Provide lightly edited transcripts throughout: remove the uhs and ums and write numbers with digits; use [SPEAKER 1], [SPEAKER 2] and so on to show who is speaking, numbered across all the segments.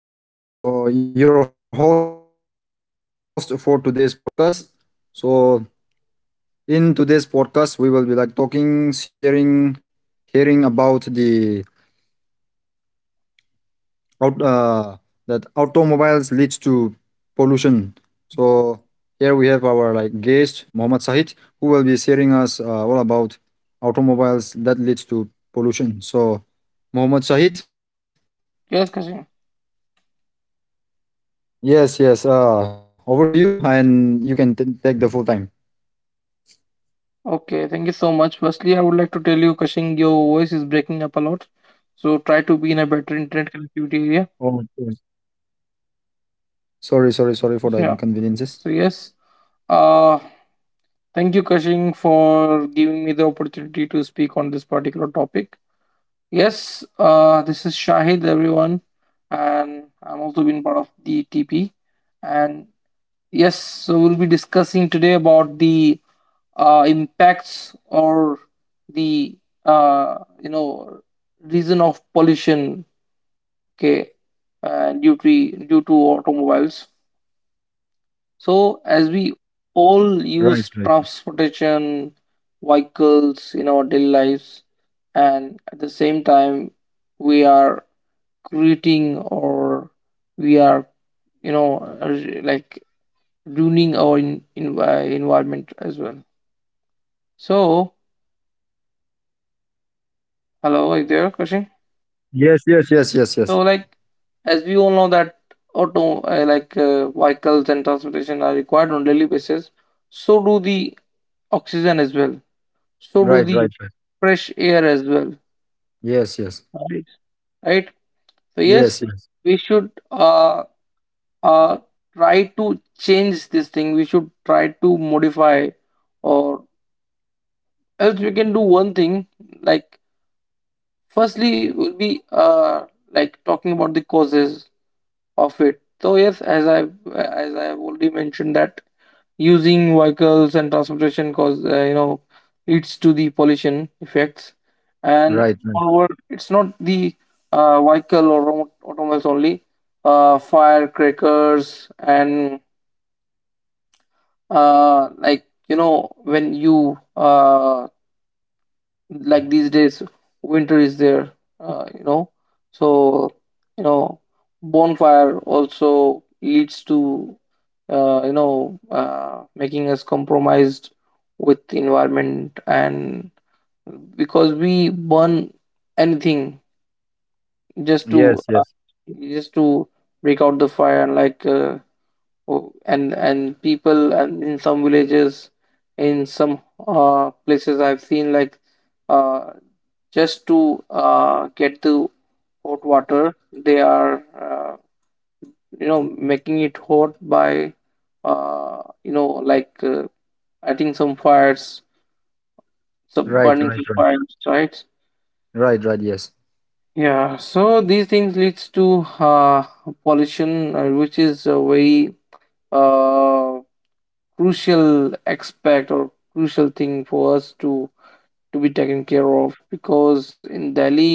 [SPEAKER 1] This is Kasing Alphonse, your host for today's podcast. So, in today's podcast, we will be like talking, sharing, hearing about the out that automobiles leads to pollution. So, here we have our like guest Muhammad Sahid, who will be sharing us all about automobiles that leads to pollution. So, Muhammad Sahid.
[SPEAKER 2] Yes, Kashing.
[SPEAKER 1] Yes, yes. Over to you, and you can take the full time.
[SPEAKER 2] Okay, thank you so much. Firstly, I would like to tell you, Kashing, your voice is breaking up a lot. So try to be in a better internet connectivity area.
[SPEAKER 1] Okay. Sorry, sorry, sorry for the
[SPEAKER 2] Yeah.
[SPEAKER 1] inconveniences.
[SPEAKER 2] So yes. Uh Thank you, Kashing, for giving me the opportunity to speak on this particular topic. Yes, this is Shahid, everyone, and I'm also been part of the TP. And yes, so we'll be discussing today about the impacts or the uh, you know reason of pollution, okay, due to automobiles. So as we all
[SPEAKER 1] Right, right.
[SPEAKER 2] use transportation vehicles in our daily lives, and at the same time we are creating, or we are you know uh, like ruining our environment as well. So, hello, are you there? Question.
[SPEAKER 1] Yes, yes, yes, yes,
[SPEAKER 2] So,
[SPEAKER 1] yes.
[SPEAKER 2] like, as we all know that auto like vehicles and transportation are required on daily basis. So do the oxygen as well. So do the
[SPEAKER 1] Right, right,
[SPEAKER 2] fresh
[SPEAKER 1] right.
[SPEAKER 2] air as well.
[SPEAKER 1] Yes,
[SPEAKER 2] Right.
[SPEAKER 1] yes.
[SPEAKER 2] Right. So yes, we
[SPEAKER 1] Yes,
[SPEAKER 2] should
[SPEAKER 1] yes.
[SPEAKER 2] uh try to change this thing. We should try to modify, or else we can do one thing. Like, firstly, we'll be talking about the causes of it. So yes, as I have already mentioned that using vehicles and transportation cause leads to the pollution effects, and moreover,
[SPEAKER 1] Right, right.
[SPEAKER 2] it's not the automobiles only. Firecrackers and like you know when you like these days, winter is there, uh, you know so you know bonfire also leads to making us compromised with the environment, and because we burn anything just to
[SPEAKER 1] Yes, yes.
[SPEAKER 2] just to break out the fire, and people and in some villages, in some places I've seen, like, uh, just to get the hot water. They are, making it hot by, uh, you know, like uh, adding some fires, some burning some
[SPEAKER 1] Right,
[SPEAKER 2] fires,
[SPEAKER 1] right, right.
[SPEAKER 2] right?
[SPEAKER 1] Right, right, yes.
[SPEAKER 2] Yeah. So these things leads to pollution, which is a very uh, crucial aspect or crucial thing for us to be taken care of, because in Delhi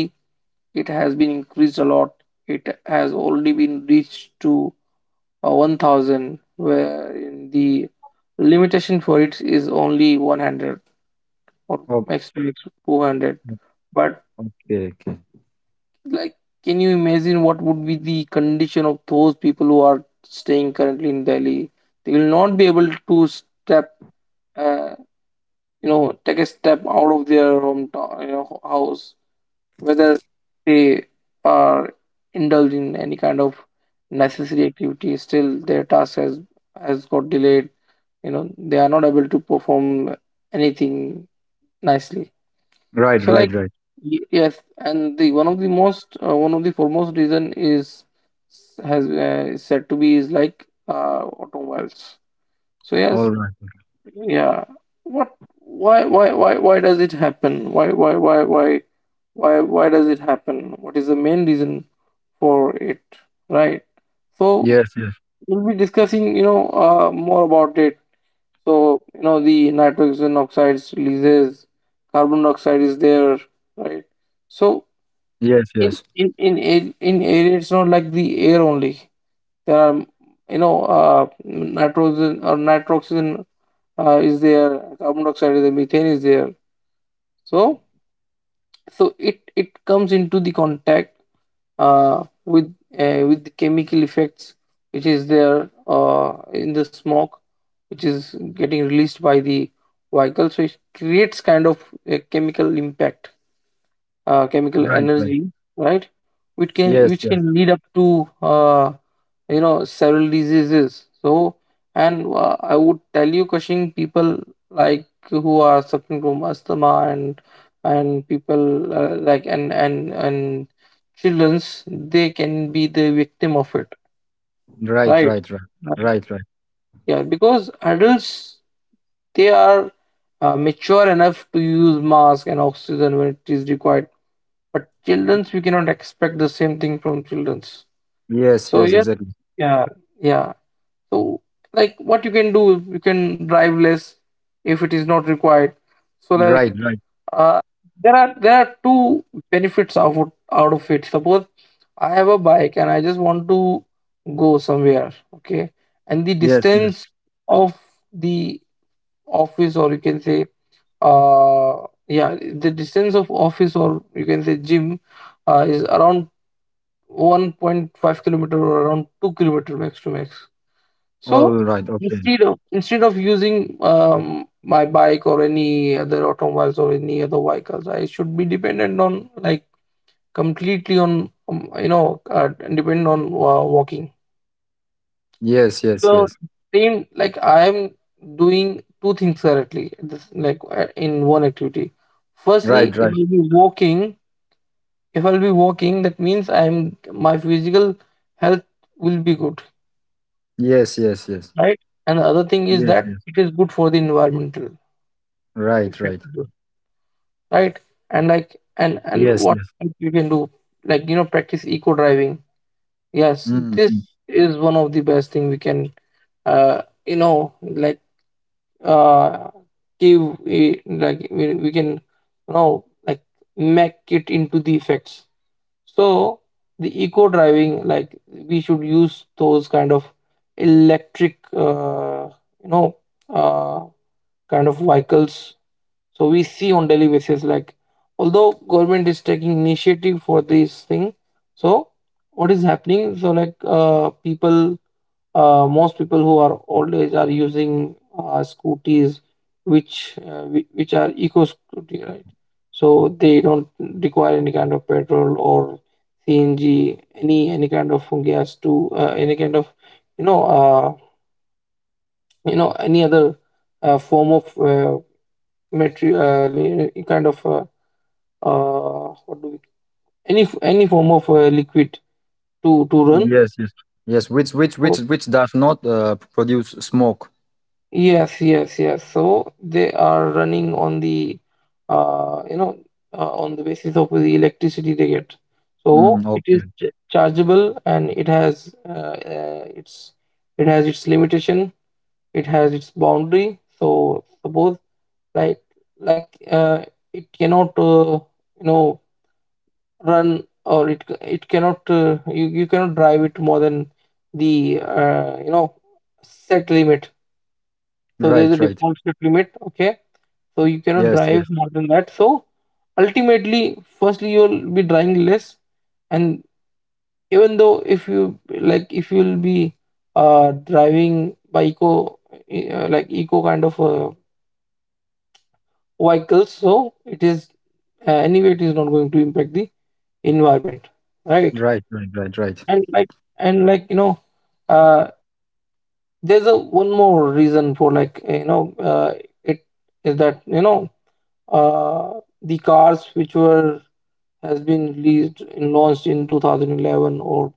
[SPEAKER 2] it has been increased a lot. It has already been reached to 1000, where in the limitation for it is only 100 or max
[SPEAKER 1] Okay,
[SPEAKER 2] 200. But,
[SPEAKER 1] okay. Okay.
[SPEAKER 2] like, can you imagine what would be the condition of those people who are staying currently in Delhi? They will not be able to step, uh, take a step out of their hometown, you know, house, whether they are indulging in any kind of necessary activity. Still, their task has got delayed. You know, they are not able to perform anything nicely. So, like,
[SPEAKER 1] Right, right, right.
[SPEAKER 2] yes, and the one of the most one of the foremost reason is has is said to be is like automobiles. So yes.
[SPEAKER 1] All right.
[SPEAKER 2] Yeah. What, why why does it happen? Why why does it happen? What is the main reason for it? Right. So
[SPEAKER 1] Yes, yes.
[SPEAKER 2] we'll be discussing, you know, more about it. So, you know, the nitrogen oxides releases, carbon dioxide is there, right? So
[SPEAKER 1] Yes, yes.
[SPEAKER 2] in air, it's not like the air only. There are, you know, nitrogen or nitroxygen is there, carbon dioxide is there, methane is there. So, it comes into the contact uh, with with the chemical effects which is there, uh, in the smoke which is getting released by the vehicle. So it creates kind of a chemical impact, chemical energy,
[SPEAKER 1] Right, right.
[SPEAKER 2] right? Which can, which can
[SPEAKER 1] Yes,
[SPEAKER 2] lead
[SPEAKER 1] yes.
[SPEAKER 2] up to uh, several diseases. So, and I would tell you, cushing, people like who are suffering from asthma, and people, and children's, they can be the victim of it, right?
[SPEAKER 1] Right, right, right.
[SPEAKER 2] Right.
[SPEAKER 1] Right, right.
[SPEAKER 2] Yeah, because adults, they are mature enough to use mask and oxygen when it is required, but children's, we cannot expect the same thing from children's. So yes.
[SPEAKER 1] Yes, yes, exactly.
[SPEAKER 2] Yeah. Yeah. So, like, what you can do, you can drive less if it is not required. So, like,
[SPEAKER 1] Right, right.
[SPEAKER 2] uh, there are two benefits out of it. Suppose I have a bike and I just want to go somewhere, okay, and the
[SPEAKER 1] Yes,
[SPEAKER 2] distance
[SPEAKER 1] yes.
[SPEAKER 2] of the office or you can say, uh yeah the distance of office or you can say gym, is around 1.5 kilometer or around 2-kilometer max to max. So,
[SPEAKER 1] All right, okay.
[SPEAKER 2] instead of using my bike or any other automobiles or any other vehicles, I should be dependent on, like, completely on, dependent on, walking.
[SPEAKER 1] Yes, yes,
[SPEAKER 2] So,
[SPEAKER 1] yes.
[SPEAKER 2] same like, I am doing two things currently this, in one activity. Firstly, if
[SPEAKER 1] Right,
[SPEAKER 2] I'll
[SPEAKER 1] right.
[SPEAKER 2] be walking, that means I'm my physical health will be good,
[SPEAKER 1] Yes, yes, yes.
[SPEAKER 2] right? And the other thing is
[SPEAKER 1] Yes,
[SPEAKER 2] that
[SPEAKER 1] yes.
[SPEAKER 2] it is good for the environment.
[SPEAKER 1] Right, right.
[SPEAKER 2] Effective, right? And,
[SPEAKER 1] Yes,
[SPEAKER 2] what
[SPEAKER 1] yes.
[SPEAKER 2] else you can do, like, you know, practice eco driving. Yes,
[SPEAKER 1] Mm,
[SPEAKER 2] this
[SPEAKER 1] mm.
[SPEAKER 2] is one of the best thing we can, uh you know like uh like we can, you know, like, make it into the effects. So the eco driving, like we should use those kind of electric you know uh kind of vehicles. So we see on daily basis, like, although government is taking initiative for this thing, so what is happening? So, like, people, most people who are old age are using scooters, which which are eco scooty, right? So they don't require any kind of petrol or CNG, any kind of gas to, any kind of, you know uh, any other form of material, kind of. What do we any form of liquid to run.
[SPEAKER 1] Yes, yes. Yes, which which
[SPEAKER 2] So,
[SPEAKER 1] which which does not produce smoke.
[SPEAKER 2] yes, yes so they are running on the uh you know on the basis of the electricity they get. So
[SPEAKER 1] Mm,
[SPEAKER 2] it is
[SPEAKER 1] okay.
[SPEAKER 2] chargeable, and it has its, it has its limitation, it has its boundary. So suppose, like like uh, it cannot you know run, or it cannot, you cannot drive it more than the, set limit. So there's
[SPEAKER 1] Right,
[SPEAKER 2] a
[SPEAKER 1] right.
[SPEAKER 2] default set limit, okay, so you cannot
[SPEAKER 1] Yes,
[SPEAKER 2] drive
[SPEAKER 1] yes.
[SPEAKER 2] more than that. So ultimately, firstly, you'll be driving less, and even though if you, like, if you'll be driving by eco, e, like eco kind of vehicles, so it is, anyway, it is not going to impact the environment, right?
[SPEAKER 1] Right, right, right, right.
[SPEAKER 2] And, like, and like you know uh there's a one more reason for, like, you know, it is that, you know, the cars which were has been released and launched in 2011 or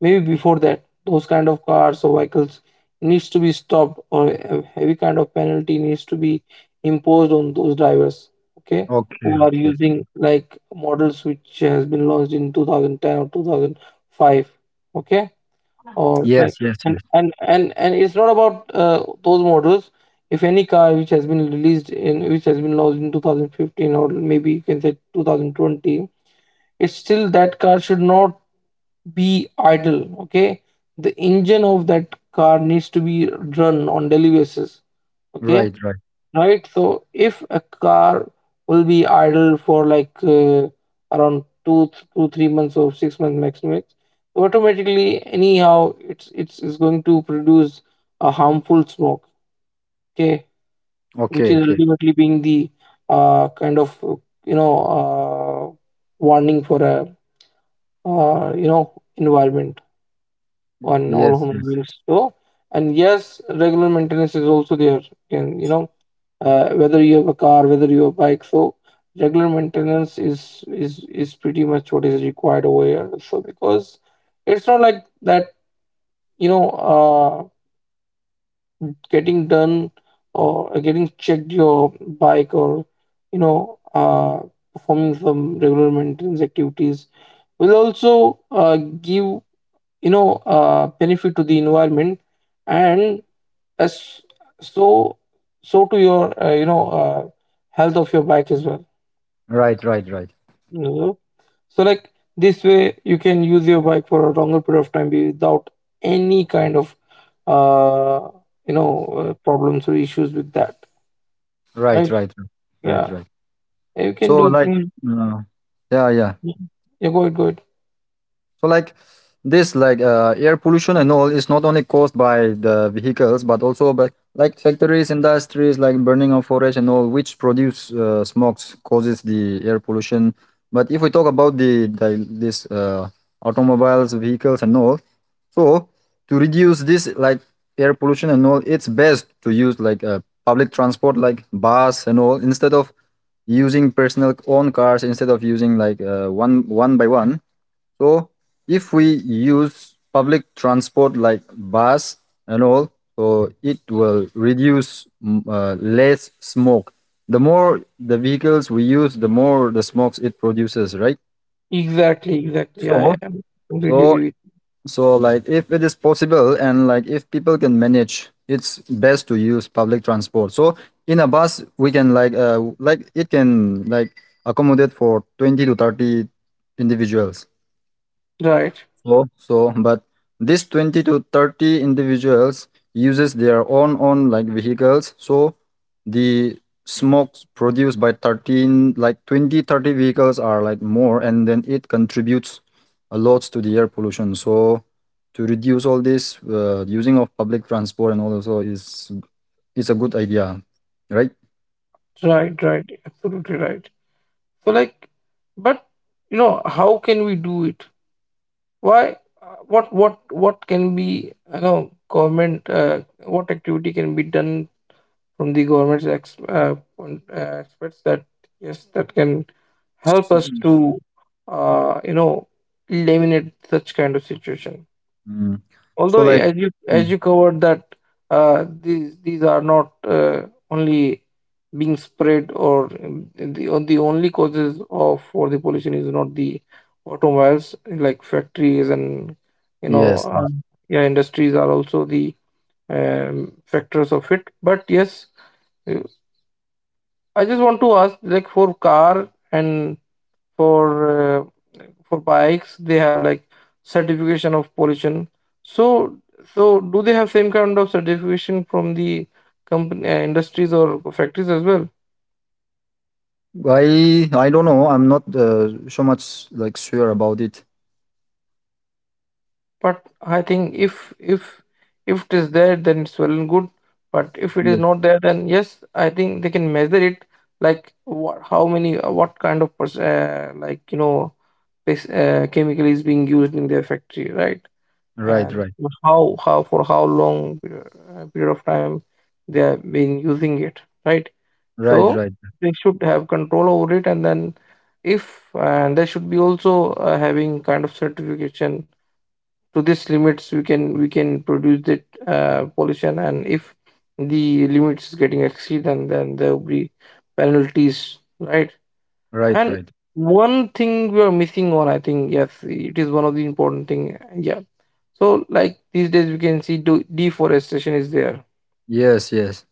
[SPEAKER 2] maybe before that, those kind of cars or vehicles needs to be stopped, or a heavy kind of penalty needs to be imposed on those drivers, okay, who
[SPEAKER 1] Okay,
[SPEAKER 2] are
[SPEAKER 1] okay.
[SPEAKER 2] using like models which has been launched in 2010 or 2005, okay, or like.
[SPEAKER 1] Yes, yes,
[SPEAKER 2] and
[SPEAKER 1] yes.
[SPEAKER 2] and and and it's not about those models. If any car which has been released in, which has been launched in 2015, or maybe you can say 2020, it's still that car should not be idle, okay. The engine of that car needs to be run on daily basis, okay,
[SPEAKER 1] Right, right.
[SPEAKER 2] right? So if a car will be idle for like, two, 3 months or 6 months maximum, so automatically anyhow it's is going to produce a harmful smoke. Okay, which
[SPEAKER 1] Okay,
[SPEAKER 2] is
[SPEAKER 1] okay.
[SPEAKER 2] ultimately being the kind of, you know uh, warning for a, environment on all
[SPEAKER 1] Yes,
[SPEAKER 2] human
[SPEAKER 1] yes.
[SPEAKER 2] beings. So, and yes, regular maintenance is also there. Can you know, whether you have a car, whether you have a bike. So regular maintenance is pretty much what is required over here. So, because it's not like that, you know, getting done or getting checked your bike, or, you know uh, performing some regular maintenance activities will also give, benefit to the environment and, as so so to your, health of your bike as well.
[SPEAKER 1] Right, right, right.
[SPEAKER 2] No. So, like, this way you can use your bike for a longer period of time without any kind of uh problems or issues with that.
[SPEAKER 1] Right,
[SPEAKER 2] Right?
[SPEAKER 1] right, right. Right,
[SPEAKER 2] Yeah.
[SPEAKER 1] right.
[SPEAKER 2] You can
[SPEAKER 1] So
[SPEAKER 2] do
[SPEAKER 1] like
[SPEAKER 2] things.
[SPEAKER 1] uh, yeah, yeah.
[SPEAKER 2] Yeah, go ahead, go ahead.
[SPEAKER 1] So like this like air pollution and all is not only caused by the vehicles but also by like factories, industries, like burning of forest and all, which produce smokes causes the air pollution. But if we talk about the this automobiles, vehicles and all, so to reduce this like air pollution and all, it's best to use like public transport like bus and all instead of using personal own cars instead of using like one by one. So if we use public transport like bus and all, so it will reduce less smoke. The more the vehicles we use, the more the smokes it produces, right?
[SPEAKER 2] Exactly, exactly. I
[SPEAKER 1] So
[SPEAKER 2] am completely agree
[SPEAKER 1] so
[SPEAKER 2] with
[SPEAKER 1] so like if it is possible and like if people can manage, it's best to use public transport. So in a bus we can like it can like accommodate for 20 to 30 individuals.
[SPEAKER 2] you. Right,
[SPEAKER 1] So, but this 20 to 30 individuals uses their own like vehicles. So the smokes produced by 13 like 20 to 30 are like more, and then it contributes a lot to the air pollution. So to reduce all this using of public transport and all also is a good idea, right?
[SPEAKER 2] right, right. Absolutely right. So, like, but, you know, how can we do it? Why, what what can be, you know, government, what activity can be done from the government's experts, that yes, that can help
[SPEAKER 1] So,
[SPEAKER 2] us to, uh, you know eliminate such kind of situation.
[SPEAKER 1] mm, so
[SPEAKER 2] Although
[SPEAKER 1] like
[SPEAKER 2] as you
[SPEAKER 1] mm,
[SPEAKER 2] as you covered that these are not only being spread or the only causes of for the pollution is not the automobiles like factories and you know
[SPEAKER 1] yes.
[SPEAKER 2] uh, yeah, industries are also the factors of it. But yes, I just want to ask, like for car and for uh, for bikes, they have like certification of pollution. So, so do they have same kind of certification from the company industries or factories as well?
[SPEAKER 1] I don't know. I'm not so much like sure about it.
[SPEAKER 2] But I think if if it is there, then it's well and good. But if it is
[SPEAKER 1] Yes.
[SPEAKER 2] not there, then yes, I think they can measure it. Like what, how many, what kind of like this, chemical is being used in their factory, right?
[SPEAKER 1] Right.
[SPEAKER 2] And
[SPEAKER 1] Right.
[SPEAKER 2] how for how long period of time they have been using it, right?
[SPEAKER 1] Right.
[SPEAKER 2] So
[SPEAKER 1] Right.
[SPEAKER 2] they should have control over it, and then if and they should be also having kind of certification to this limits we can produce that pollution, and if the limits is getting exceed, and then there will be penalties, right?
[SPEAKER 1] Right.
[SPEAKER 2] And
[SPEAKER 1] Right.
[SPEAKER 2] one thing we are missing on, I think yes it is one of the important thing, yeah. Like these days, we can see deforestation is there,
[SPEAKER 1] Yes. Yes.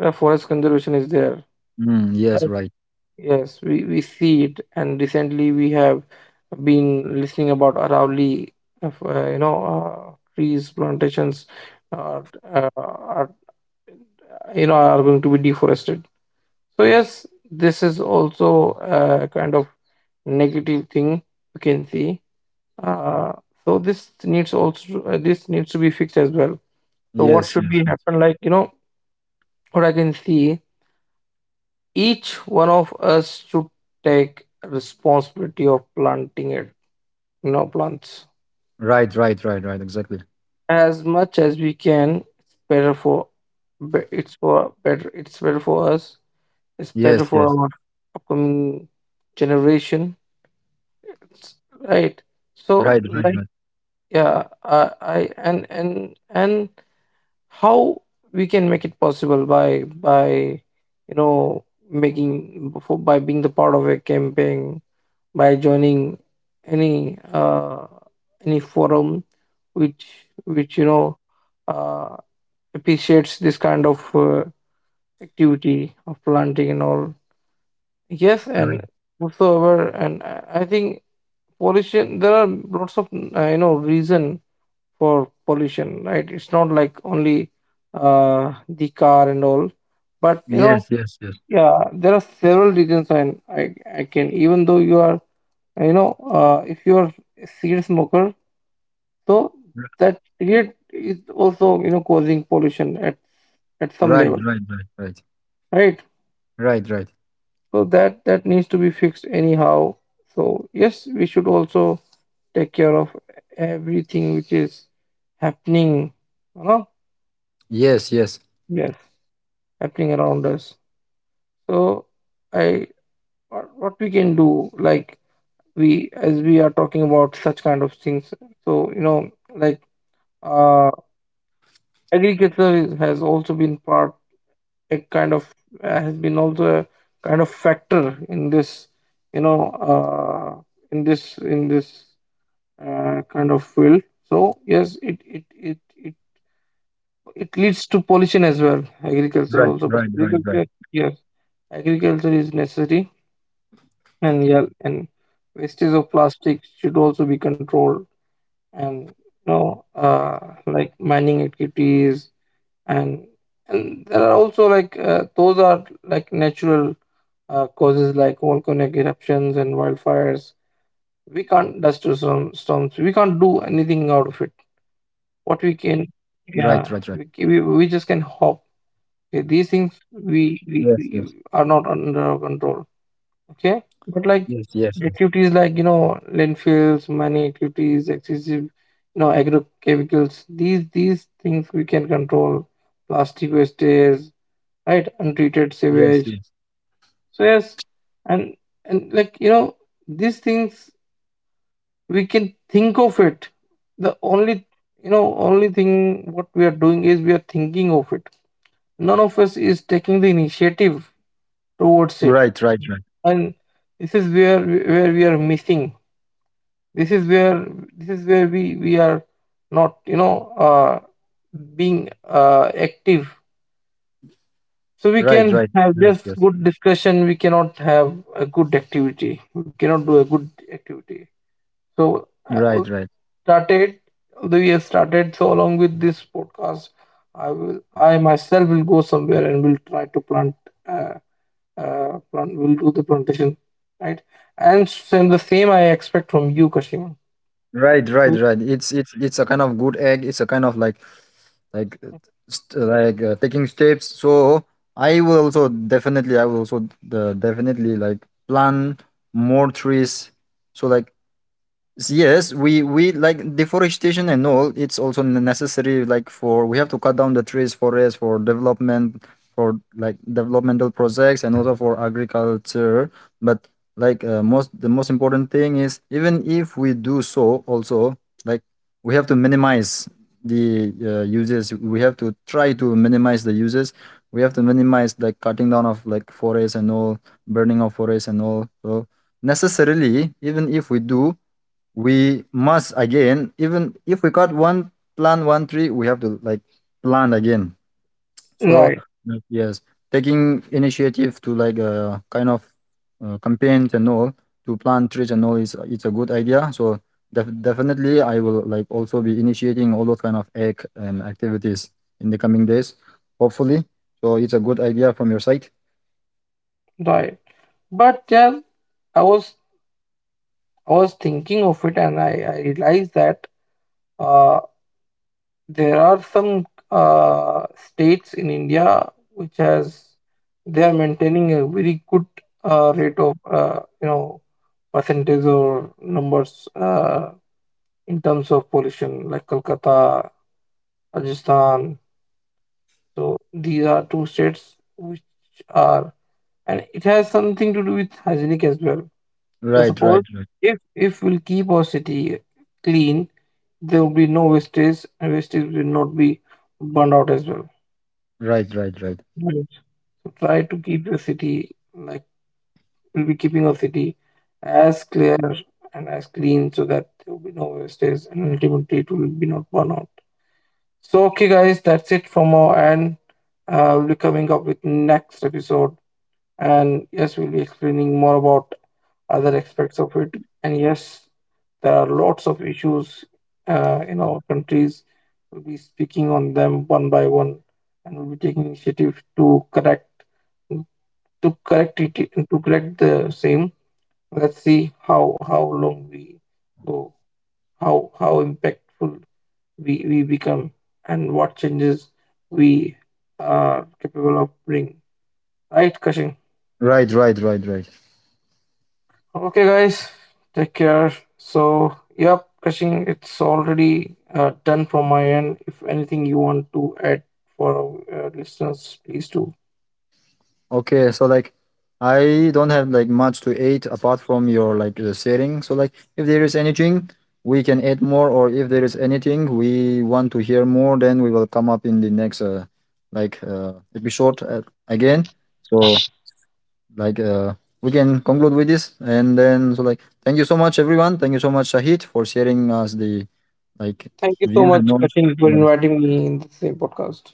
[SPEAKER 2] forest conservation is there.
[SPEAKER 1] Mm, yes.
[SPEAKER 2] Right.
[SPEAKER 1] Right.
[SPEAKER 2] Yes, we see it, and recently we have been listening about Aravalli, of, trees plantations are, are, are going to be deforested. So yes, this is also a kind of negative thing you can see. Uh, so this needs also this needs to be fixed as well. So what
[SPEAKER 1] Yes.
[SPEAKER 2] should
[SPEAKER 1] Yes.
[SPEAKER 2] be
[SPEAKER 1] Yes.
[SPEAKER 2] happen? Like what I can see, each one of us should take responsibility of planting it, plants
[SPEAKER 1] Right. Right. Right. Right. Exactly.
[SPEAKER 2] as much as we can. It's for better. It's better for us. It's
[SPEAKER 1] Yes.
[SPEAKER 2] better for
[SPEAKER 1] Yes.
[SPEAKER 2] our upcoming generation. It's, right. So,
[SPEAKER 1] Right. Right.
[SPEAKER 2] like,
[SPEAKER 1] Right.
[SPEAKER 2] yeah, and how we can make it possible by you know, making for by being the part of a campaign, by joining any uh, any forum which which you know uh, appreciates this kind of activity of planting and all. Yes,
[SPEAKER 1] Right.
[SPEAKER 2] and whatsoever, and I think pollution. There are lots of reason for pollution, right? It's not like only the car and all, but
[SPEAKER 1] Yes. Yes. Yes.
[SPEAKER 2] yeah, there are several reasons. And I can even though you are if you are a cigarette smoker, so
[SPEAKER 1] R-
[SPEAKER 2] that cigarette is also causing pollution at some
[SPEAKER 1] Right.
[SPEAKER 2] level,
[SPEAKER 1] Right. Right. Right.
[SPEAKER 2] right?
[SPEAKER 1] Right. Right.
[SPEAKER 2] So that needs to be fixed anyhow. So yes, we should also take care of everything which is happening, you know,
[SPEAKER 1] Yes. Yes.
[SPEAKER 2] yes, happening around us. So I, what we can do, like we as we are talking about such kind of things. So uh, agriculture has also been part a kind of has been also a kind of factor in this you know uh, in this kind of field. So yes it it it leads to pollution as well, agriculture
[SPEAKER 1] Right.
[SPEAKER 2] also. But
[SPEAKER 1] Right. Right.
[SPEAKER 2] agriculture,
[SPEAKER 1] Right.
[SPEAKER 2] yes, agriculture is necessary. And yeah, and wastage of plastic should also be controlled, and like mining activities, and and there are also like those are like natural causes like volcanic eruptions and wildfires. We can't storms we can't do anything out of it. What we
[SPEAKER 1] Right.
[SPEAKER 2] can,
[SPEAKER 1] Right. Right.
[SPEAKER 2] yeah, we just can hope, okay, these things
[SPEAKER 1] Yes.
[SPEAKER 2] we,
[SPEAKER 1] Yes.
[SPEAKER 2] we we are not under our control. Okay, but
[SPEAKER 1] Yes.
[SPEAKER 2] like
[SPEAKER 1] Yes. Yes.
[SPEAKER 2] activities like landfills, mining activities, excessive agrochemicals, these things we can control. Plastic wastage, right, untreated sewage.
[SPEAKER 1] Yes. Yes.
[SPEAKER 2] So yes, and and like these things we can think of it. The only only thing what we are doing is we are thinking of it. None of us is taking the initiative towards
[SPEAKER 1] Right.
[SPEAKER 2] it.
[SPEAKER 1] Right.
[SPEAKER 2] And this is where we are missing. This is where, this is where we are not uh being active. So we
[SPEAKER 1] Right.
[SPEAKER 2] can
[SPEAKER 1] Right. Right.
[SPEAKER 2] have
[SPEAKER 1] Yes.
[SPEAKER 2] just
[SPEAKER 1] Yes.
[SPEAKER 2] good discussion. We cannot have a good activity. We cannot do a good activity. So
[SPEAKER 1] Right.
[SPEAKER 2] I
[SPEAKER 1] Right.
[SPEAKER 2] al- Started, although we have started. So along with this podcast, I will, I myself will go somewhere and will try to plant, uh, plant. Will do the plantation, right? And same the same I expect from you, Kashima.
[SPEAKER 1] Right, right,
[SPEAKER 2] So,
[SPEAKER 1] right. It's a kind of good egg. It's a kind of like uh, like taking steps. So I will also definitely like plant more trees. So like, yes, we like deforestation and all. It's also necessary, like for we have to cut down the trees, forests for development, for like developmental projects, and also for agriculture. But like the most important thing is even if we do so, also like we have to minimize the uses. We have to try to minimize the uses. We have to minimize like cutting down of like forests and all, burning of forests and all. So necessarily, even if we do we must again, even if we got one plant one tree we have to like plant again, so
[SPEAKER 2] right,
[SPEAKER 1] Mm. yes, taking initiative to like kind of campaigns and all to plant trees and all is it's a good idea. So definitely I will like also be initiating all those kind of egg and activities in the coming days, hopefully. So it's a good idea from your side.
[SPEAKER 2] right. But yeah, I was I was thinking of it, and I realized that. uh, There are some states in India which has they are maintaining a very good rate of percentage or numbers in terms of pollution, like Kolkata, Rajasthan. So these are two states which are, and it has something to do with hygienic as well. So
[SPEAKER 1] Right, right,
[SPEAKER 2] suppose
[SPEAKER 1] right,
[SPEAKER 2] if we'll keep our city clean, there will be no wastage, and wastage will not be burned out as well.
[SPEAKER 1] right, right, right,
[SPEAKER 2] Right. Try to keep your city like we'll be keeping our city as clear and as clean, so that there will be no wastage and ultimately it will be not burn out. So okay guys, that's it from our end. We'll be coming up with next episode, and yes, we'll be explaining more about other aspects of it. And yes, there are lots of issues in our countries. We'll be speaking on them one by one, and we'll be taking initiative to correct it to correct the same. Let's see how long we go, how impactful we become, and what changes we are capable of bring, right, cushing.
[SPEAKER 1] right, right, right, right.
[SPEAKER 2] Okay guys, take care. So yep, cushing, it's already done from my end. If anything you want to add for our listeners, please do.
[SPEAKER 1] Okay, so like I don't have like much to eat apart from your like the setting. So like if there is anything we can add more, or if there is anything we want to hear more, then we will come up in the next like episode again. So like we can conclude with this, and then so like thank you so much, everyone. Thank you so much, Shahid, for sharing us the like
[SPEAKER 2] Thank you so
[SPEAKER 1] views and
[SPEAKER 2] much,
[SPEAKER 1] all.
[SPEAKER 2] cushing, for
[SPEAKER 1] Yeah.
[SPEAKER 2] inviting me in the same podcast.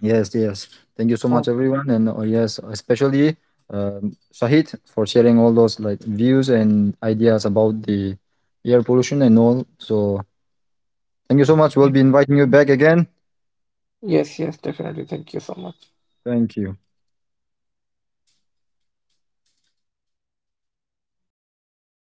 [SPEAKER 1] Yes, yes. Thank you so
[SPEAKER 2] Oh,
[SPEAKER 1] much, everyone, and yes, especially Shahid for sharing all those like views and ideas about the air pollution and all. So thank you so much. We'll be inviting you back again.
[SPEAKER 2] yes, yes, definitely, thank you so much.
[SPEAKER 1] Thank you.